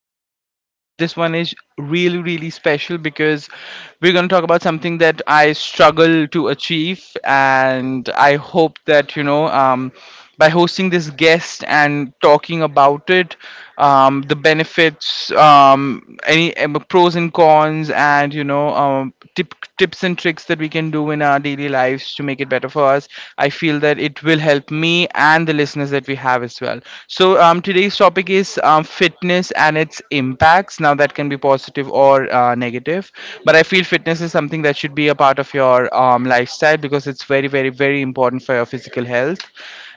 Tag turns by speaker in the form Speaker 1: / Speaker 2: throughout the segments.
Speaker 1: podcast. This one is really, really special because we're going to talk about something that I struggle to achieve, and I hope that by hosting this guest and talking about it, the benefits, any pros and cons, and tips and tricks that we can do in our daily lives to make it better for us. I feel that it will help me and the listeners that we have as well. So today's topic is fitness and its impacts. Now that can be positive or negative, but I feel fitness is something that should be a part of your lifestyle because it's very, very, very important for your physical health.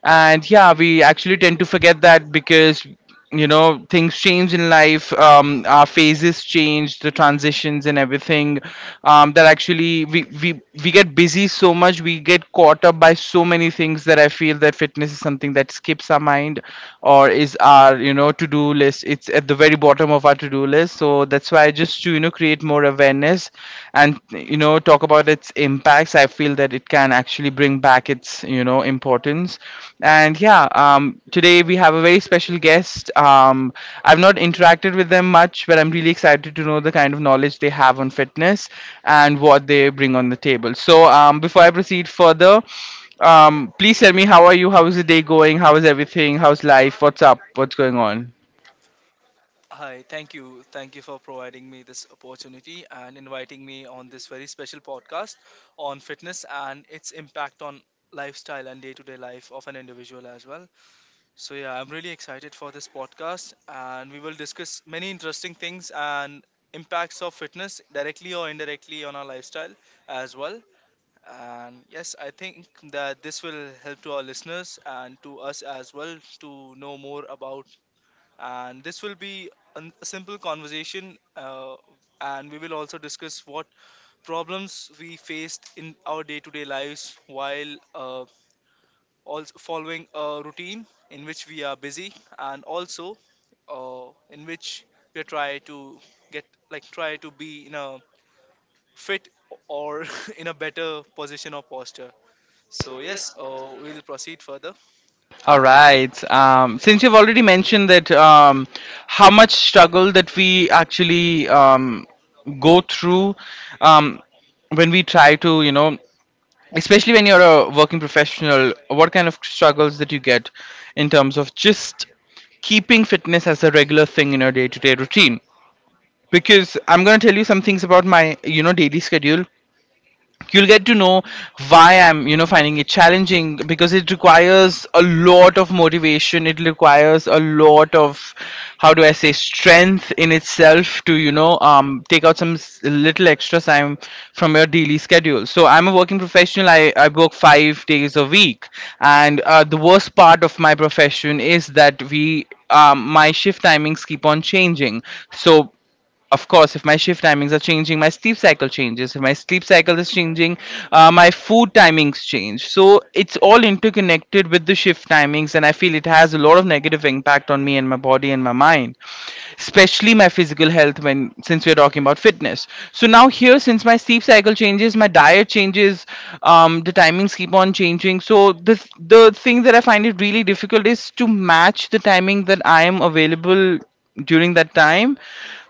Speaker 1: And yeah, we actually tend to forget that because you know things change in life. Our phases change, the transitions and everything, that actually we get busy so much, we get caught up by so many things that I feel that fitness is something that skips our mind, or is our, you know, to-do list, it's at the very bottom of our to-do list. So that's why, just to, you know, create more awareness and, you know, talk about its impacts, I feel that it can actually bring back its, you know, importance. And today we have a very special guest. I've not interacted with them much, but I'm really excited to know the kind of knowledge they have on fitness and what they bring on the table. So before I proceed further, please tell me, how are you? How is the day going? How is everything? How's life? What's up? What's going on?
Speaker 2: Hi, thank you. Thank you for providing me this opportunity and inviting me on this very special podcast on fitness and its impact on lifestyle and day to day life of an individual as well. So, yeah, I'm really excited for this podcast and we will discuss many interesting things and impacts of fitness directly or indirectly on our lifestyle as well. And yes, I think that this will help to our listeners and to us as well to know more about, and this will be a simple conversation, and we will also discuss what problems we faced in our day-to-day lives while also following a routine in which we are busy and also, in which we try to get, like, try to be in a fit or in a better position or posture. So yes, we'll proceed further.
Speaker 1: All
Speaker 2: And
Speaker 1: right. Since you've already mentioned that, how much struggle that we actually go through, um, when we try to, you know, especially when you're a working professional, what kind of struggles that you get in terms of just keeping fitness as a regular thing in your day-to-day routine? Because I'm going to tell you some things about my, you know, daily schedule, you'll get to know why I'm, you know, finding it challenging, because it requires a lot of motivation, it requires a lot of, how do I say, strength in itself to, you know, take out some little extra time from your daily schedule. So I'm a working professional, I work 5 days a week, and the worst part of my profession is that we my shift timings keep on changing. So of course, if my shift timings are changing, my sleep cycle changes. If my sleep cycle is changing, my food timings change. So it's all interconnected with the shift timings, and I feel it has a lot of negative impact on me and my body and my mind, especially my physical health, when, since we're talking about fitness. So now here, since my sleep cycle changes, my diet changes, the timings keep on changing, so the thing that I find it really difficult is to match the timing that I am available during that time,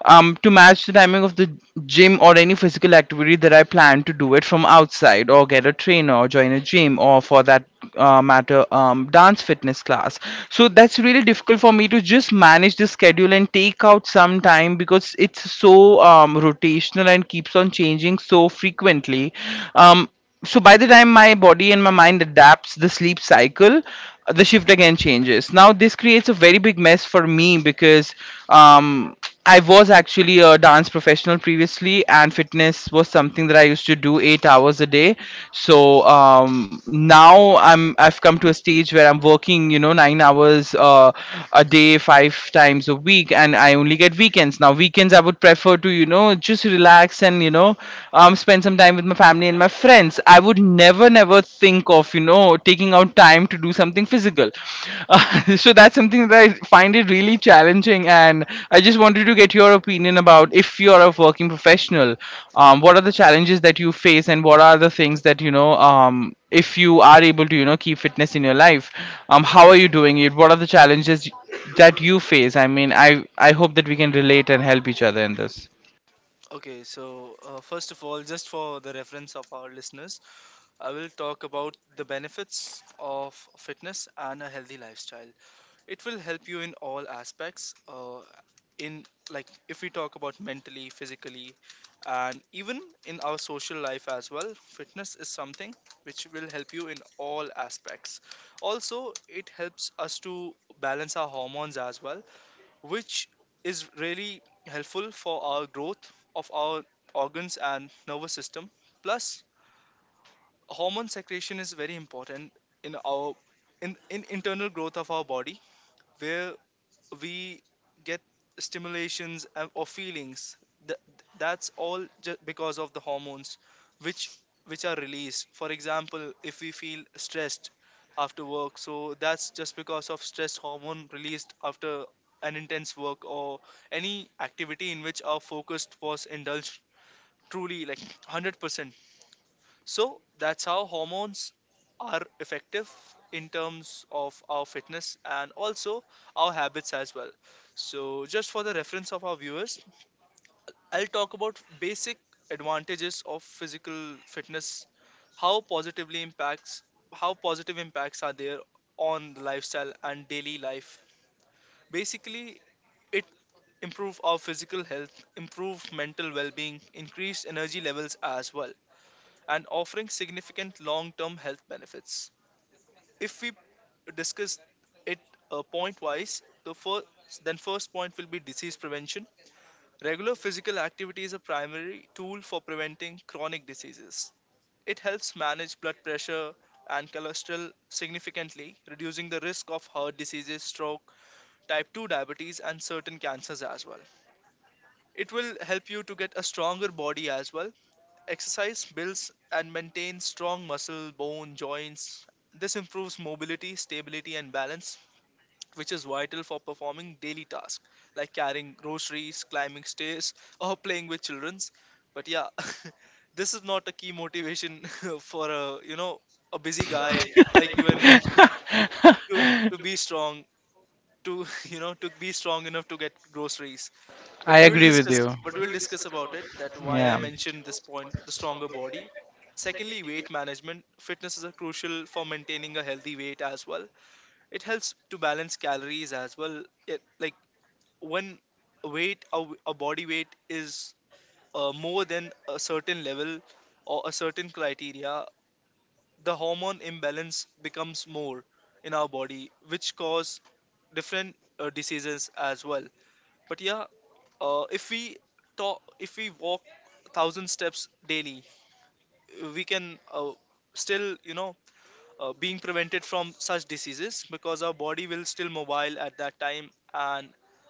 Speaker 1: to match the timing of the gym or any physical activity that I plan to do it from outside, or get a trainer, or join a gym, or for that matter, dance fitness class. So that's really difficult for me to just manage the schedule and take out some time, because it's so rotational and keeps on changing so frequently. Um, so by the time my body and my mind adapts the sleep cycle, the shift again changes. Now this creates a very big mess for me because um I was actually a dance professional previously, and fitness was something that I used to do 8 hours a day. So now I've come to a stage where I'm working, you know, 9 hours a day, five times a week, and I only get weekends. Now weekends I would prefer to, you know, just relax and, you know, spend some time with my family and my friends. I would never, never think of, you know, taking out time to do something physical. So that's something that I find it really challenging. And I just wanted to get your opinion about, if you're a working professional, what are the challenges that you face, and what are the things that, you know, if you are able to, you know, keep fitness in your life, how are you doing it? What are the challenges that you face? I mean, I hope that we can relate and help each other in this.
Speaker 2: okay, so first of all, just for the reference of our listeners, I will talk about the benefits of fitness and a healthy lifestyle. It will help you in all aspects. In if we talk about mentally, physically, and even in our social life as well, fitness is something which will help you in all aspects. Also, it helps us to balance our hormones as well, which is really helpful for our growth of our organs and nervous system, plus hormone secretion is very important in our, in internal growth of our body, where we get stimulations or feelings. Th- that's all just because of the hormones which which are released. For example, if we feel stressed after work, so that's just because of stress hormone released after an intense work or any activity in which our focus was indulged truly, like 100%. So that's how hormones are effective in terms of our fitness and also our habits as well. So just for the reference of our viewers, I'll talk about basic advantages of physical fitness, how positively impacts how positive impacts are there on the lifestyle and daily life. Basically, it improve our physical health, improve mental well-being, increase energy levels as well, and offering significant long term health benefits. If we discuss it point wise, the first point will be disease prevention. Regular physical activity is a primary tool for preventing chronic diseases. It helps manage blood pressure and cholesterol significantly, reducing the risk of heart diseases, stroke, type 2 diabetes, and certain cancers as well. It will help you to get a stronger body as well. Exercise builds and maintains strong muscle, bone, joints. This improves mobility, stability, and balance, which is vital for performing daily tasks like carrying groceries, climbing stairs, or playing with childrens. But yeah, this is not a key motivation for a, you know, a busy guy like you and me to be strong, to you know, to be strong enough to get groceries.
Speaker 1: I
Speaker 2: but we will
Speaker 1: agree with
Speaker 2: discuss
Speaker 1: you.
Speaker 2: but we will discuss about it that why I
Speaker 1: Yeah.
Speaker 2: mentioned this point, the stronger body. Secondly, weight management. Fitness is a crucial for maintaining a healthy weight as well. It helps to balance calories as well. It, like, when a body weight is more than a certain level or a certain criteria, the hormone imbalance becomes more in our body, which cause different diseases as well. But yeah, if we if we walk 1,000 steps daily, we can, still, you know, being prevented from such diseases because our body will still mobile at that time, and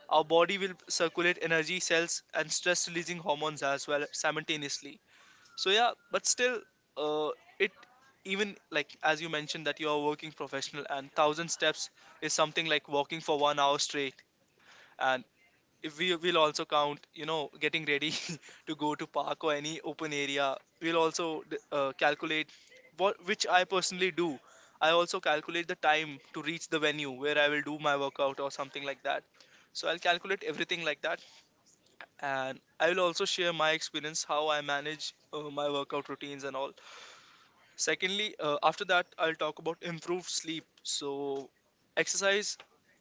Speaker 2: our body will circulate energy, cells, and stress-releasing hormones as well simultaneously. So yeah, but still, uh, it even like as you mentioned that you are a working professional, and 1,000 steps is something like walking for 1 hour straight. And if we will also count, you know, getting ready to go to park or any open area, we'll also calculate what, which I personally do. I also calculate the time to reach the venue where I will do my workout or something like that. So I'll calculate everything like that, and I will also share my experience how I manage my workout routines and all. Secondly, after that, I'll talk about improved sleep. So exercise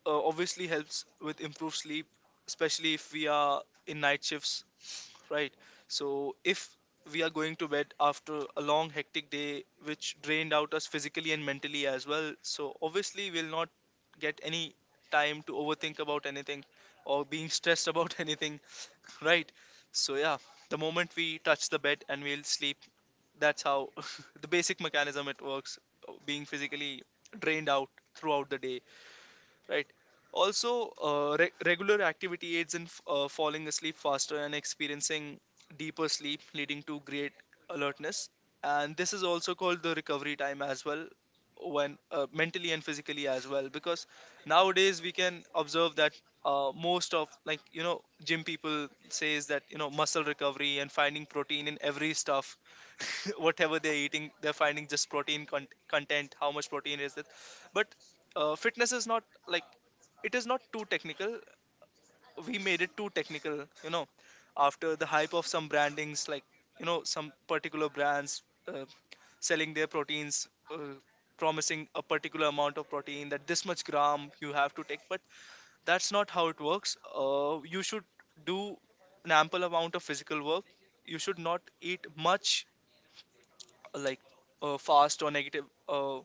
Speaker 2: obviously helps with improved sleep, especially if we are in night shifts, right? So if we are going to bed after a long, hectic day, which drained out us physically and mentally as well, so obviously we'll not get any time to overthink about anything or being stressed about anything, right? So, yeah, the moment we touch the bed and we'll sleep, that's how the basic mechanism it works, being physically drained out throughout the day, right? Also, regular activity aids in falling asleep faster and experiencing deeper sleep, leading to great alertness. And this is also called the recovery time as well, when mentally and physically as well, because nowadays we can observe that most of, like, you know, gym people says that, you know, muscle recovery and finding protein in every stuff, whatever they're eating they're finding just protein content, how much protein is it. But fitness is not like, it is not too technical. We made it too technical, you know, after the hype of some brandings, like, you know, some particular brands uh, selling their proteins, uh, promising a particular amount of protein that this much gram you have to take. But that's not how it works. Uh, you should do an ample amount of physical work. You should not eat much, like, fast or negative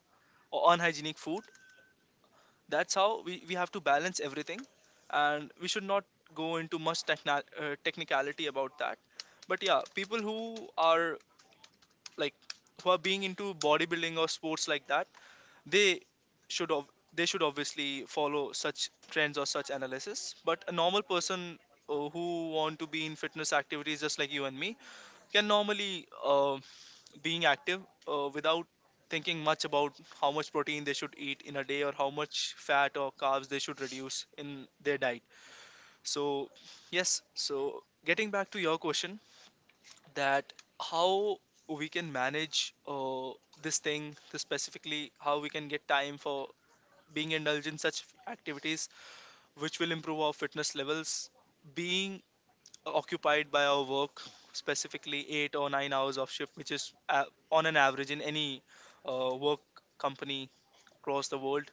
Speaker 2: or unhygienic food. That's how we have to balance everything, and we should not go into much technicality about that. But yeah, people who are, like, who are being into bodybuilding or sports like that, they they should obviously follow such trends or such analysis. But a normal person, who want to be in fitness activities just like you and me, can normally being active without thinking much about how much protein they should eat in a day or how much fat or carbs they should reduce in their diet. So yes, so getting back to your question, that how we can manage this thing, this specifically how we can get time for being indulged in such activities which will improve our fitness levels, being occupied by our work, specifically 8 or 9 hours of shift, which is, on an average in any work company across the world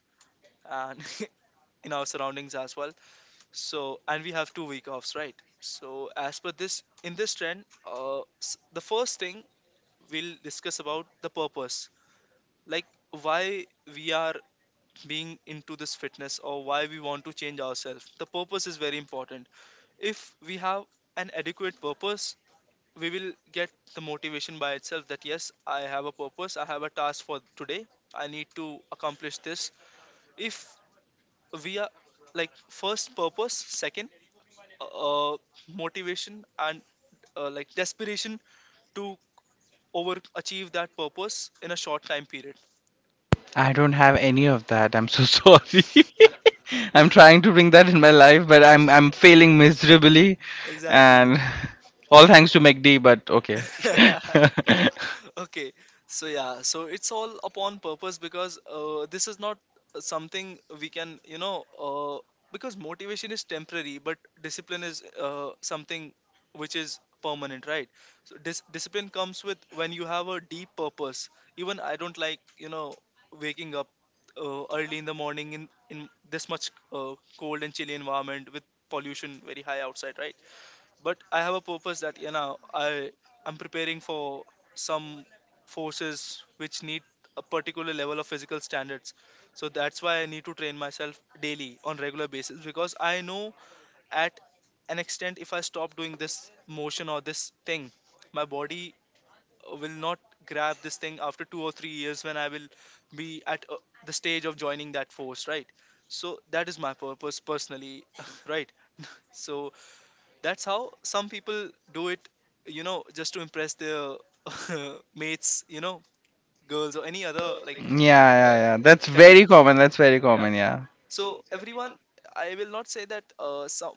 Speaker 2: and in our surroundings as well. So, and we have two-week offs, right? So as per this, in this trend, the first thing, we'll discuss about the purpose, like why we are being into this fitness or why we want to change ourselves. The purpose is very important. If we have an adequate purpose, we will get the motivation by itself, that yes, I have a purpose, I have a task for today, I need to accomplish this. If we are, like, first purpose, second, uh, uh, motivation, and like desperation to over achieve that purpose in a short time period.
Speaker 1: I don't have any of that. I'm so sorry.
Speaker 2: Yeah. Yeah.
Speaker 1: I'm trying to bring that in my life, but I'm failing miserably,
Speaker 2: Exactly.
Speaker 1: and all thanks to McD. But okay.
Speaker 2: Okay, so yeah, so it's all upon purpose, because this is not something we can, you know, because motivation is temporary but discipline is, something which is permanent, right? So discipline comes with when you have a deep purpose. Even I don't like, you know, waking up early in the morning, in this much cold and chilly environment with pollution very high outside, right? But I have a purpose that, you know, I'm preparing for some forces which need a particular level of physical standards. So that's why I need to train myself daily on regular basis, because I know, at an extent, if I stop doing this motion or this thing, my body will not grab this thing after 2 or 3 years, when I will be at, the stage of joining that force, right? So that is my purpose personally, right? So that's how some people do it, you know, just to impress their mates, you know, girls or any other, like,
Speaker 1: Yeah, yeah,
Speaker 2: uh,
Speaker 1: yeah. That's
Speaker 2: colleague.
Speaker 1: very common. That's very
Speaker 2: Yeah.
Speaker 1: common. Yeah.
Speaker 2: So everyone, I will not say that some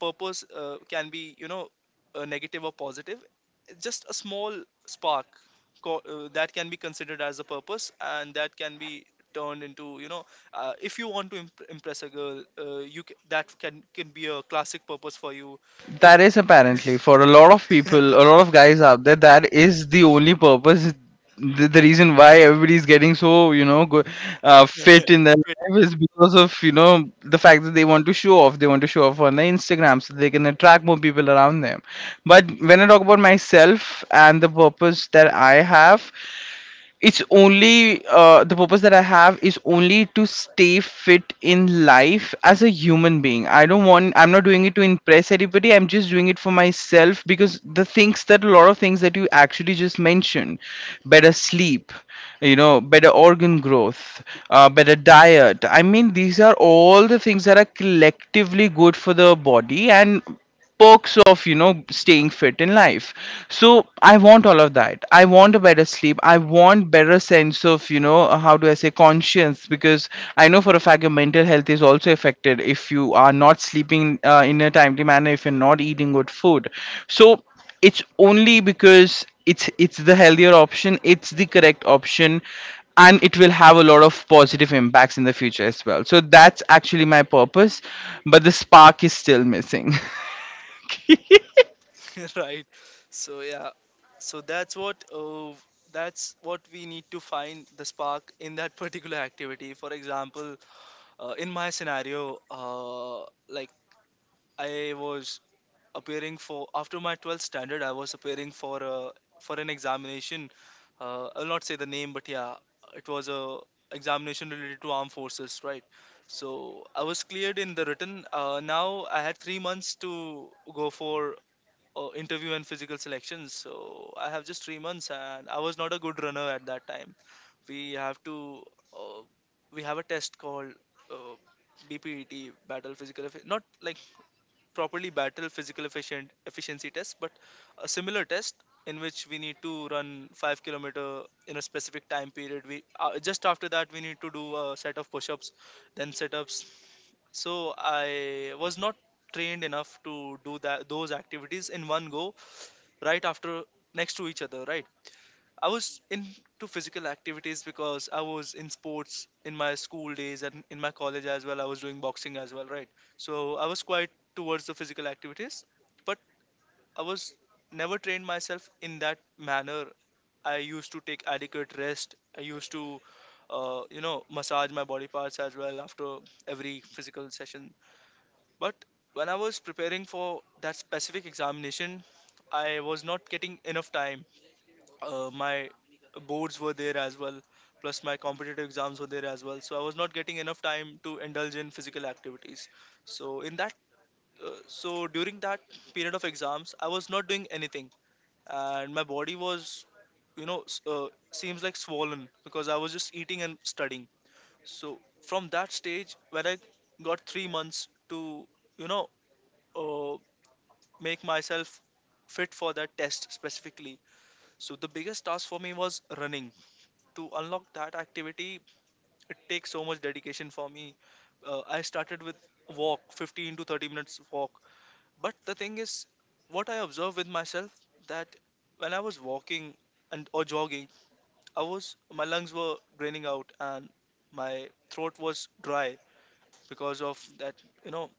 Speaker 2: purpose can be, you know, negative or positive. It's just a small spark, that can be considered as a purpose, and that can be turned into, you know, if you want to impress a girl, that can be a classic purpose for you. If
Speaker 1: That is apparently for a lot of people, a lot of guys out there, that is the only purpose. The reason why everybody's getting so, you know,
Speaker 2: yeah.
Speaker 1: fit in their life is because of, you know, the fact that they want to show off. They want to show off on their Instagram so they can attract more people around them. But when I talk about myself and the purpose that I have, it's only the purpose that I have is only to stay fit in life as a human being. I don't want, I'm not doing it to impress anybody, I'm just doing it for myself, because the things that, a lot of things that you actually just mentioned, better sleep, you know, better organ growth, better diet, I mean, these are all the things that are collectively good for the body and perks of, you know, staying fit in life. So I want all of that, I want a better sleep, I want better sense of, you know, how do I say, conscience, because I know for a fact your mental health is also affected if you are not sleeping in a timely manner, if you're not eating good food. So it's only because it's the healthier option, it's the correct option, and it will have a lot of positive impacts in the future as well. So that's actually my purpose, but the spark is still missing.
Speaker 2: right, so yeah, so that's what we need to find the spark in that particular activity. For example, in my scenario, uh, like I was appearing for after my 12th standard I was appearing for for an examination. Uh, I'll not say the name, but yeah, it was a examination related to armed forces, right? So I was cleared in the written. Uh, now I had 3 months to go for interview and physical selections. So I have just 3 months, and I was not a good runner at that time. We have to, uh, we have a test called uh, BPET, not like properly battle physical efficient efficiency test, but a similar test in which we need to run 5 kilometers in a specific time period. We just after that we need to do a set of push-ups, then sit-ups. So I was not trained enough to do that those activities in one go, right after next to each other, right? I was into physical activities because I was in sports in my school days, and in my college as well I was doing boxing as well, right? So I was quite towards the physical activities. But I was never trained myself in that manner. I used to take adequate rest, I used to massage my body parts as well after every physical session. But when I was preparing for that specific examination, I was not getting enough time. Uh, my boards were there as well, plus my competitive exams were there as well, so I was not getting enough time to indulge in physical activities. So in that so during that period of exams I was not doing anything, and my body was, you know, seems like swollen, because I was just eating and studying. So from that stage when I got 3 months to, you know, uh, make myself fit for that test specifically, so the biggest task for me was running. To unlock that activity, it takes so much dedication for me. Uh, I started with walk, 15 to 30 minutes walk. But the thing is, what I observed with myself that when I was walking and or jogging, I was my lungs were draining out and my throat was dry because of that, you know,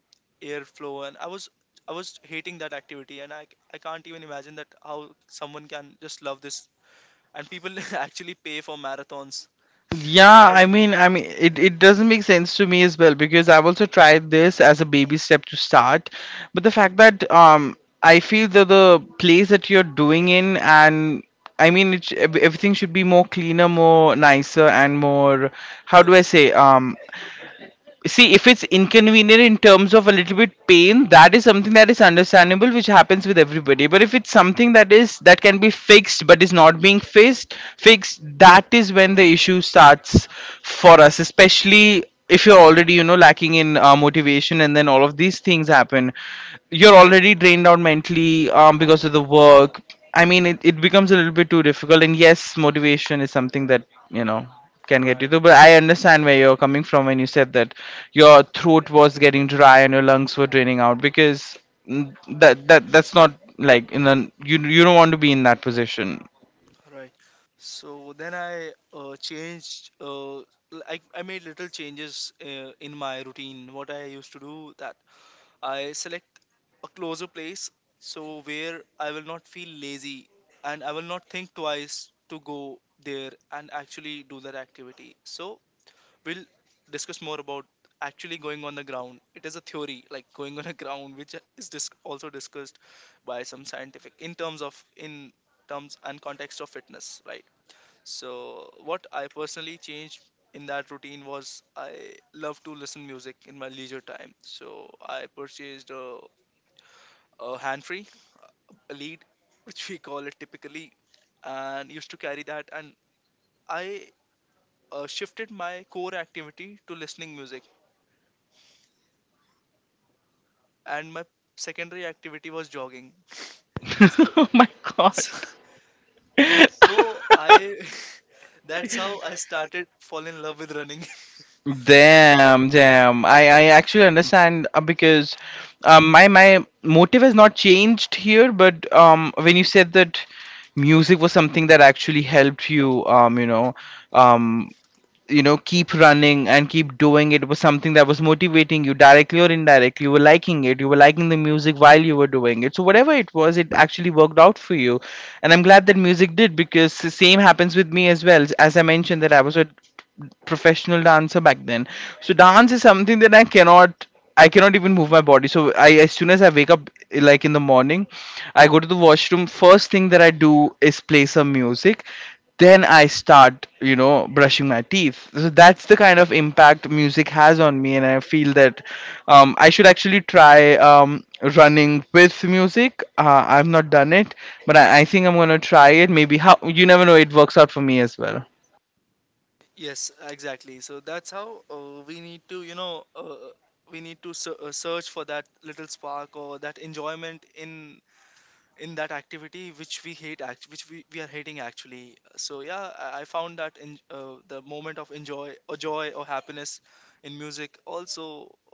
Speaker 2: airflow. And I was hating that activity, and I can't even imagine that how someone can just love this, and people actually pay for marathons.
Speaker 1: Yeah, I mean, I mean, it doesn't make sense to me as well because I've also tried this as a baby step to start, but the fact that I feel that the place that you're doing in, and I mean, everything should be more cleaner, more nicer, and more, how do
Speaker 2: Yeah,
Speaker 1: I say, see if it's inconvenient in terms of a little bit pain, that is something that is understandable, which happens with everybody. But if it's something that is, that can be fixed but is not being fixed, that is when the issue starts for us, especially if you're already, you know, lacking in motivation, and then all of these things happen, you're already drained out mentally because of the work. I mean, it becomes a little bit too difficult, and yes, motivation is something that, you know, can get you
Speaker 2: right,
Speaker 1: through. But I understand where you're coming from when you said that your throat was getting dry and your lungs were draining out, because that's not like, in the, you don't want to be in that position.
Speaker 2: right. So then I I made little changes in my routine. What I used to do that I select a closer place, so where I will not feel lazy and I will not think twice to go there and actually do that activity. So we'll discuss more about actually going on the ground. It is a theory, like going on a ground, which is also discussed by some scientific in terms of, in terms and context of fitness, right? So what I personally changed in that routine was, I love to listen music in my leisure time. So I purchased a hand free, a lead, which we call it typically, and used to carry that. And I shifted my core activity to listening music, and my secondary activity was jogging. So,
Speaker 1: Oh my god.
Speaker 2: so, so I that's how I started fall in love with running.
Speaker 1: Damn, damn. I actually understand because my motive has not changed here. But when you said that music was something that actually helped you, you know, um, you know, keep running and keep doing it, it was something that was motivating you directly or indirectly, you were liking it, you were liking the music while you were doing it, so whatever it was, it actually worked out for you, and I'm glad that music did, because the same happens with me as well. As I mentioned, that I was a professional dancer back then. So dance is something that I cannot, I cannot even move my body. So I, as soon as I wake up, like in the morning, I go to the washroom. First thing that I do is play some music. Then I start, you know, brushing my teeth. So that's the kind of impact music has on me, and I feel that I should actually try running with music. I've not done it, but I think I'm gonna try it. Maybe, how, you never know, it works out for me as well.
Speaker 2: Yes, exactly. So that's how we need to, you know, we need to search for that little spark or that enjoyment in that activity which we hate which we are hating actually. So yeah, I found that in the moment of enjoy or joy or happiness. In music also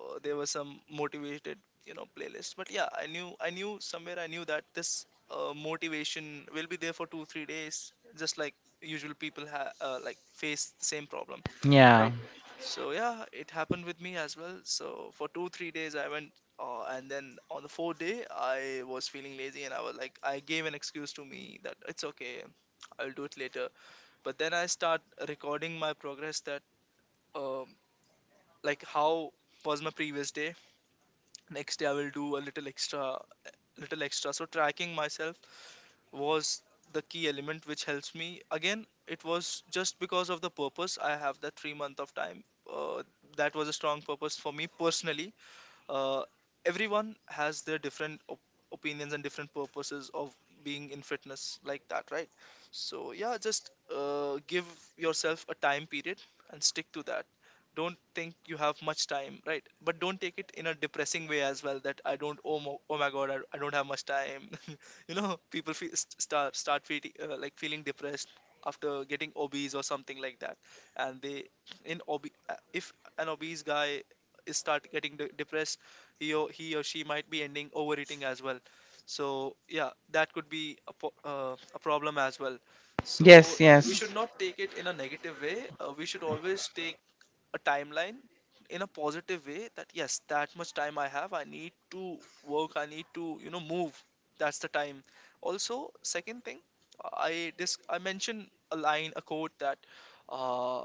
Speaker 2: there were some motivated, you know, playlists. But yeah, I knew somewhere I knew that this motivation will be there for 2 3 days, just like usual people like face the same problem,
Speaker 1: Yeah.
Speaker 2: right? So yeah, it happened with me as well, so for 2 3 days I went, and then on the fourth day I was feeling lazy, and I was like, I gave an excuse to me that it's okay, I'll do it later. But then I start recording my progress, that um, like how was my previous day, next day I will do a little extra, little extra. So tracking myself was the key element which helps me. Again, it was just because of the purpose I have, that 3 month of time, uh, that was a strong purpose for me personally. Uh, everyone has their different opinions and different purposes of being in fitness like that, right? So yeah, just give yourself a time period and stick to that. Don't think you have much time, right? But don't take it in a depressing way as well, that I don't, oh my god, I don't have much time, you know, people feel, start feeling feeling depressed after getting obese or something like that. And they, in ob if an obese guy is start getting depressed, he or she might be ending overeating as well. So yeah, that could be a problem as well. So
Speaker 1: Yes,
Speaker 2: yes, we
Speaker 1: yes.
Speaker 2: should not take it in a negative way. Uh, we should always take a timeline in a positive way, that yes, that much time I have, I need to work, I need to, you know, move. That's the time. Also, second thing, I mentioned a line, a quote, that uh,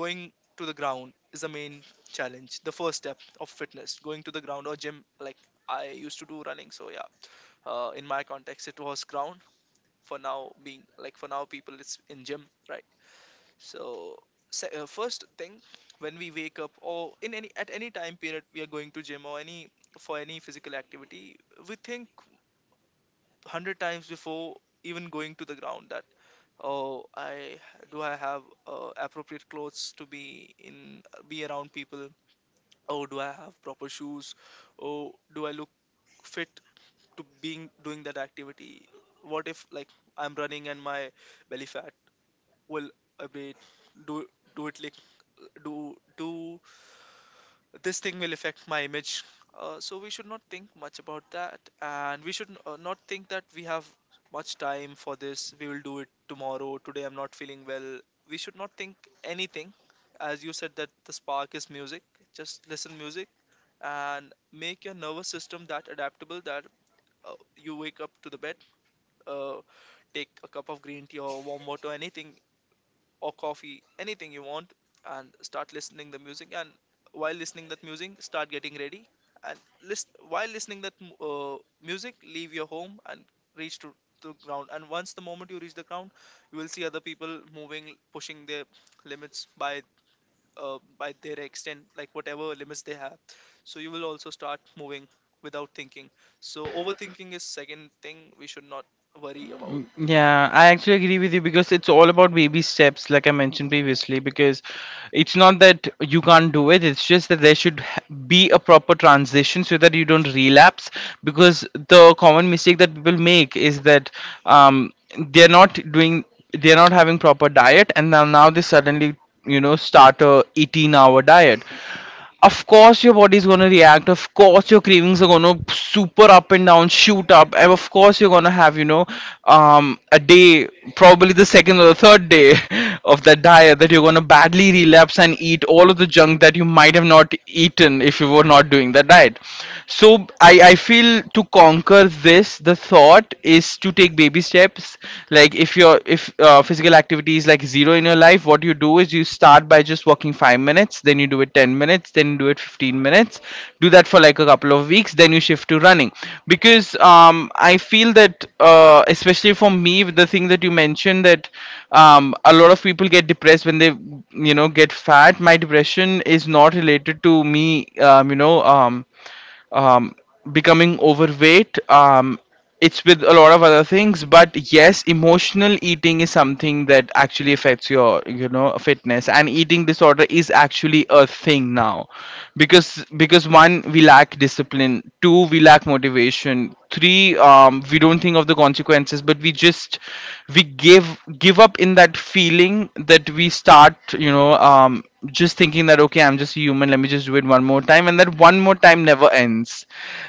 Speaker 2: going to the ground is the main challenge, the first step of fitness, going to the ground or gym. Like, I used to do running, so yeah, in my context it was ground. For now being, like for now people, it's in gym, right? So, first thing, when we wake up, or in any, at any time period we are going to gym or any, for any physical activity, we think hundred times before even going to the ground, that oh, I have appropriate clothes to be in, be around people. Oh, do I have proper shoes? Oh, do I look fit to being doing that activity? What if like I'm running and my belly fat, well, I mean, do do it like do do this thing will affect my image. Uh, so we should not think much about that, and we should not think that we have much time for this, we will do it tomorrow, today I'm not feeling well. We should not think anything. As you said that the spark is music, just listen music, and make your nervous system that adaptable that you wake up to the bed, uh, take a cup of green tea or warm water, anything, or coffee, anything you want, and start listening the music. And while listening that music, start getting ready. And list while listening that music, leave your home and reach to the ground. And once the moment you reach the ground, you will see other people moving, pushing their limits by their extent, like whatever limits they have. So you will also start moving without thinking. So overthinking is second thing we should not worry about.
Speaker 1: Yeah, I actually agree with you because it's all about baby steps, like I mentioned previously. Because it's not that you can't do it, it's just that there should be a proper transition so that you don't relapse. Because the common mistake that people make is that um, they're not doing, they're not having proper diet, and now they suddenly, you know, start a 18-hour diet. Of course your body's gonna react, of course your cravings are gonna super up and down, shoot up, and of course you're gonna have, you know, a day, probably the second or the third day, of that diet, that you're gonna badly relapse and eat all of the junk that you might have not eaten if you were not doing that diet. So I feel to conquer this, the thought is to take baby steps. Like if your if physical activity is like zero in your life, what you do is you start by just walking 5 minutes, then you do it 10 minutes, then you do it 15 minutes. Do that for like a couple of weeks, then you shift to running. Because I feel that especially for me, with the thing that you mentioned, that a lot of people get depressed when they, you know, get fat, my depression is not related to me, um, you know um, um, becoming overweight. It's with a lot of other things, but yes, emotional eating is something that actually affects your, you know, fitness. And eating disorder is actually a thing now, because one, we lack discipline. Two, we lack motivation. Three, we don't think of the consequences, but we just we give up in that feeling that we start, you know, just thinking that okay, I'm just a human, let me just do it one more time, and that one more time never ends.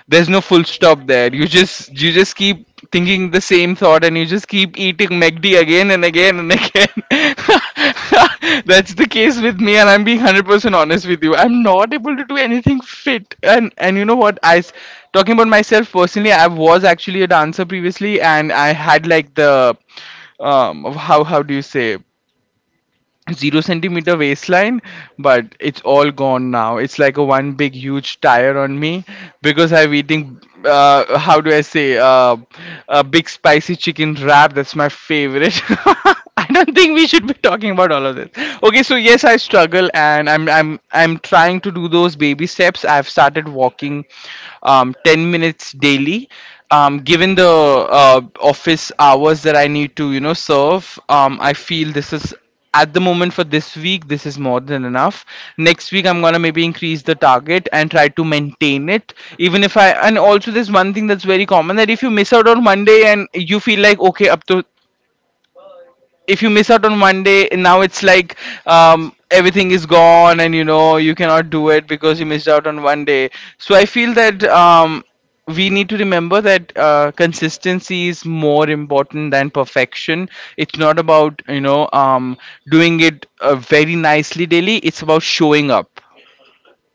Speaker 1: There's no full stop there. You just, you just keep thinking the same thought, and you just keep eating McD again and again and again. That's the case with me, and I'm being 100% honest with you. I'm not able to do anything fit. And you know what talking about myself personally, I was actually a dancer previously, and I had like the of how do you say, zero centimeter waistline, but it's all gone now. It's like a one big huge tire on me because I'm eating. How do I say? A big spicy chicken wrap. That's my favorite. I don't think we should be talking about all of this. Okay, so yes, I struggle, and I'm trying to do those baby steps. I've started walking, 10 minutes daily. Given the office hours that I need to, you know, serve, I feel this is, at the moment, for this week, this is more than enough. Next week I'm gonna maybe increase the target and try to maintain it, even if I. And also there's one thing that's very common, that if you miss out on Monday and you feel like okay, up to, if you miss out on one day, now it's like, everything is gone and you know you cannot do it because you missed out on one day. So I feel that we need to remember that consistency is more important than perfection. It's not about, you know, doing it very nicely daily, it's about showing up,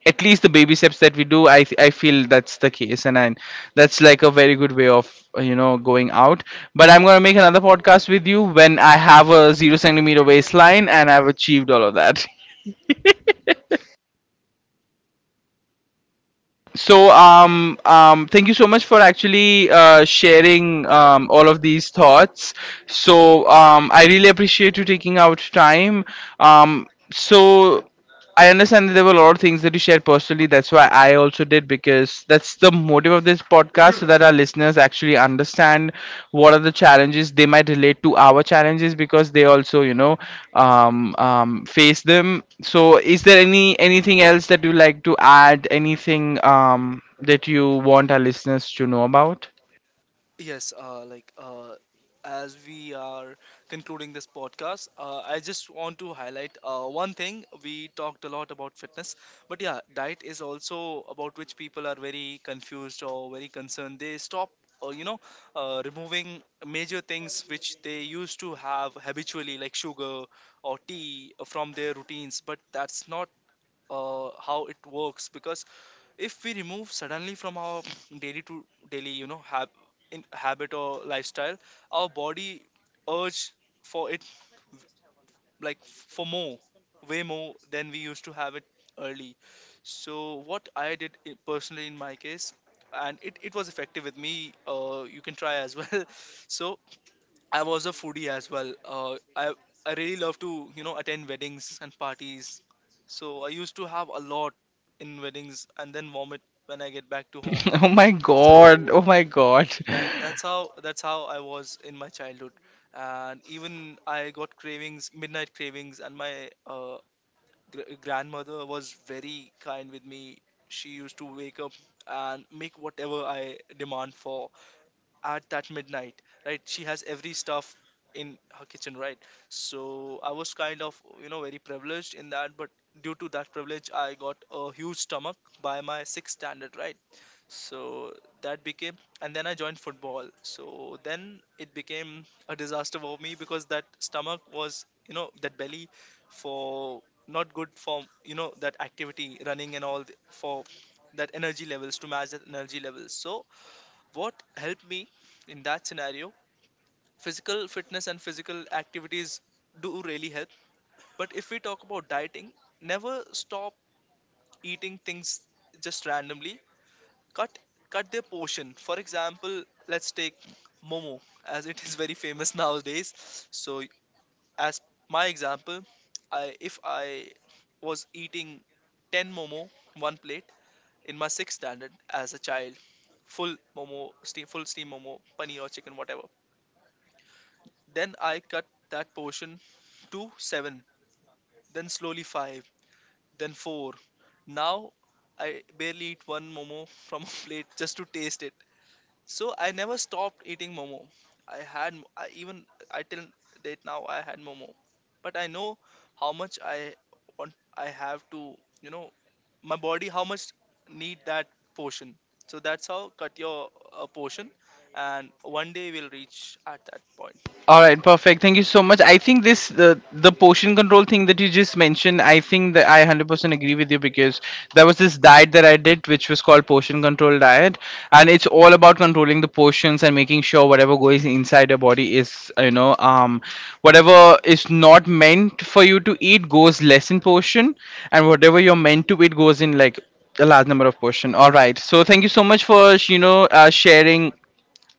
Speaker 1: at least the baby steps that we do. I feel that's the case. And I, that's like a very good way of you know, going out. But I'm going to make another podcast with you when I have a 0 centimeter waistline and I've achieved all of that. So, thank you so much for actually sharing all of these thoughts. So I really appreciate you taking out time. um so I understand that there were a lot of things that you shared personally. That's why I also did, because that's the motive of this podcast, so that our listeners actually understand what are the challenges. They might relate to our challenges because they also, you know, face them. So, is there anything else that you like to add? Anything that you want our listeners to know about?
Speaker 2: Yes, as we are concluding this podcast, I just want to highlight one thing. We talked a lot about fitness, but yeah, diet is also about which people are very confused or very concerned. They stop, uh, you know, removing major things which they used to have habitually, like sugar or tea, from their routines. But that's not how it works, because if we remove suddenly from our daily to daily, you know, hab- in habit or lifestyle, our body urge for it, like for more, way more than we used to have it early. So what I did, I- personally in my case, and it was effective with me, you can try as well. So I was a foodie as well. I really love to, you know, attend weddings and parties. So I used to have a lot in weddings and then vomit when I get back to home.
Speaker 1: Oh my god!
Speaker 2: So
Speaker 1: Oh my god!
Speaker 2: that's how I was in my childhood. And even I got cravings, midnight cravings, and my grandmother was very kind with me. She used to wake up and make whatever I demand for at that midnight, right? She has every stuff in her kitchen, right? So I was kind of, you know, very privileged in that, but due to that privilege, I got a huge stomach by my sixth standard, right? So that became, and then I joined football. So then it became a disaster for me, because that stomach was, you know, that belly for, not good for, you know, that activity, running and all for that energy levels, to match that energy levels. So what helped me in that scenario, physical fitness and physical activities do really help. But if we talk about dieting, never stop eating things just randomly. Cut, cut their portion. For example, let's take momo, as it is very famous nowadays. So as my example, I if I was eating 10 momo, one plate, in my sixth standard as a child, full momo steam, full steam momo, paneer or chicken, whatever. Then I cut that portion to 7, then slowly 5, then 4. Now I barely eat one momo from a plate, just to taste it. So I never stopped eating momo. I had I even I till date now I had momo. But I know how much I want, I have to, you know, my body how much need that portion. So that's how, cut your portion, and one day we'll reach at that point.
Speaker 1: All right, perfect. Thank you so much. I think this, the portion control thing that you just mentioned, I think that I 100% agree with you, because there was this diet that I did, which was called portion control diet, and it's all about controlling the portions and making sure whatever goes inside your body is, you know, whatever is not meant for you to eat goes less in portion, and whatever you're meant to eat goes in like a large number of portion. All right. So thank you so much for, you know, sharing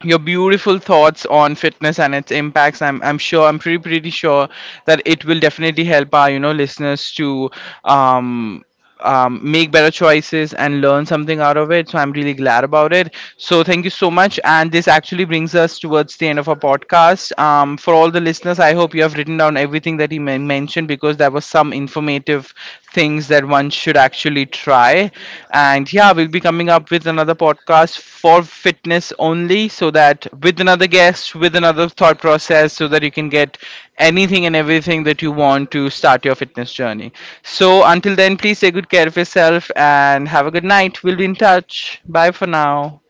Speaker 1: your beautiful thoughts on fitness and its impacts. I'm sure, I'm pretty sure that it will definitely help our, you know, listeners to um make better choices and learn something out of it. So I'm really glad about it. So thank you so much. And this actually brings us towards the end of our podcast. For all the listeners, I hope you have written down everything that he mentioned, because there was some informative things that one should actually try. And yeah, we'll be coming up with another podcast for fitness only, so that, with another guest, with another thought process, so that you can get anything and everything that you want to start your fitness journey. So until then, please take good care of yourself and have a good night. We'll be in touch. Bye for now.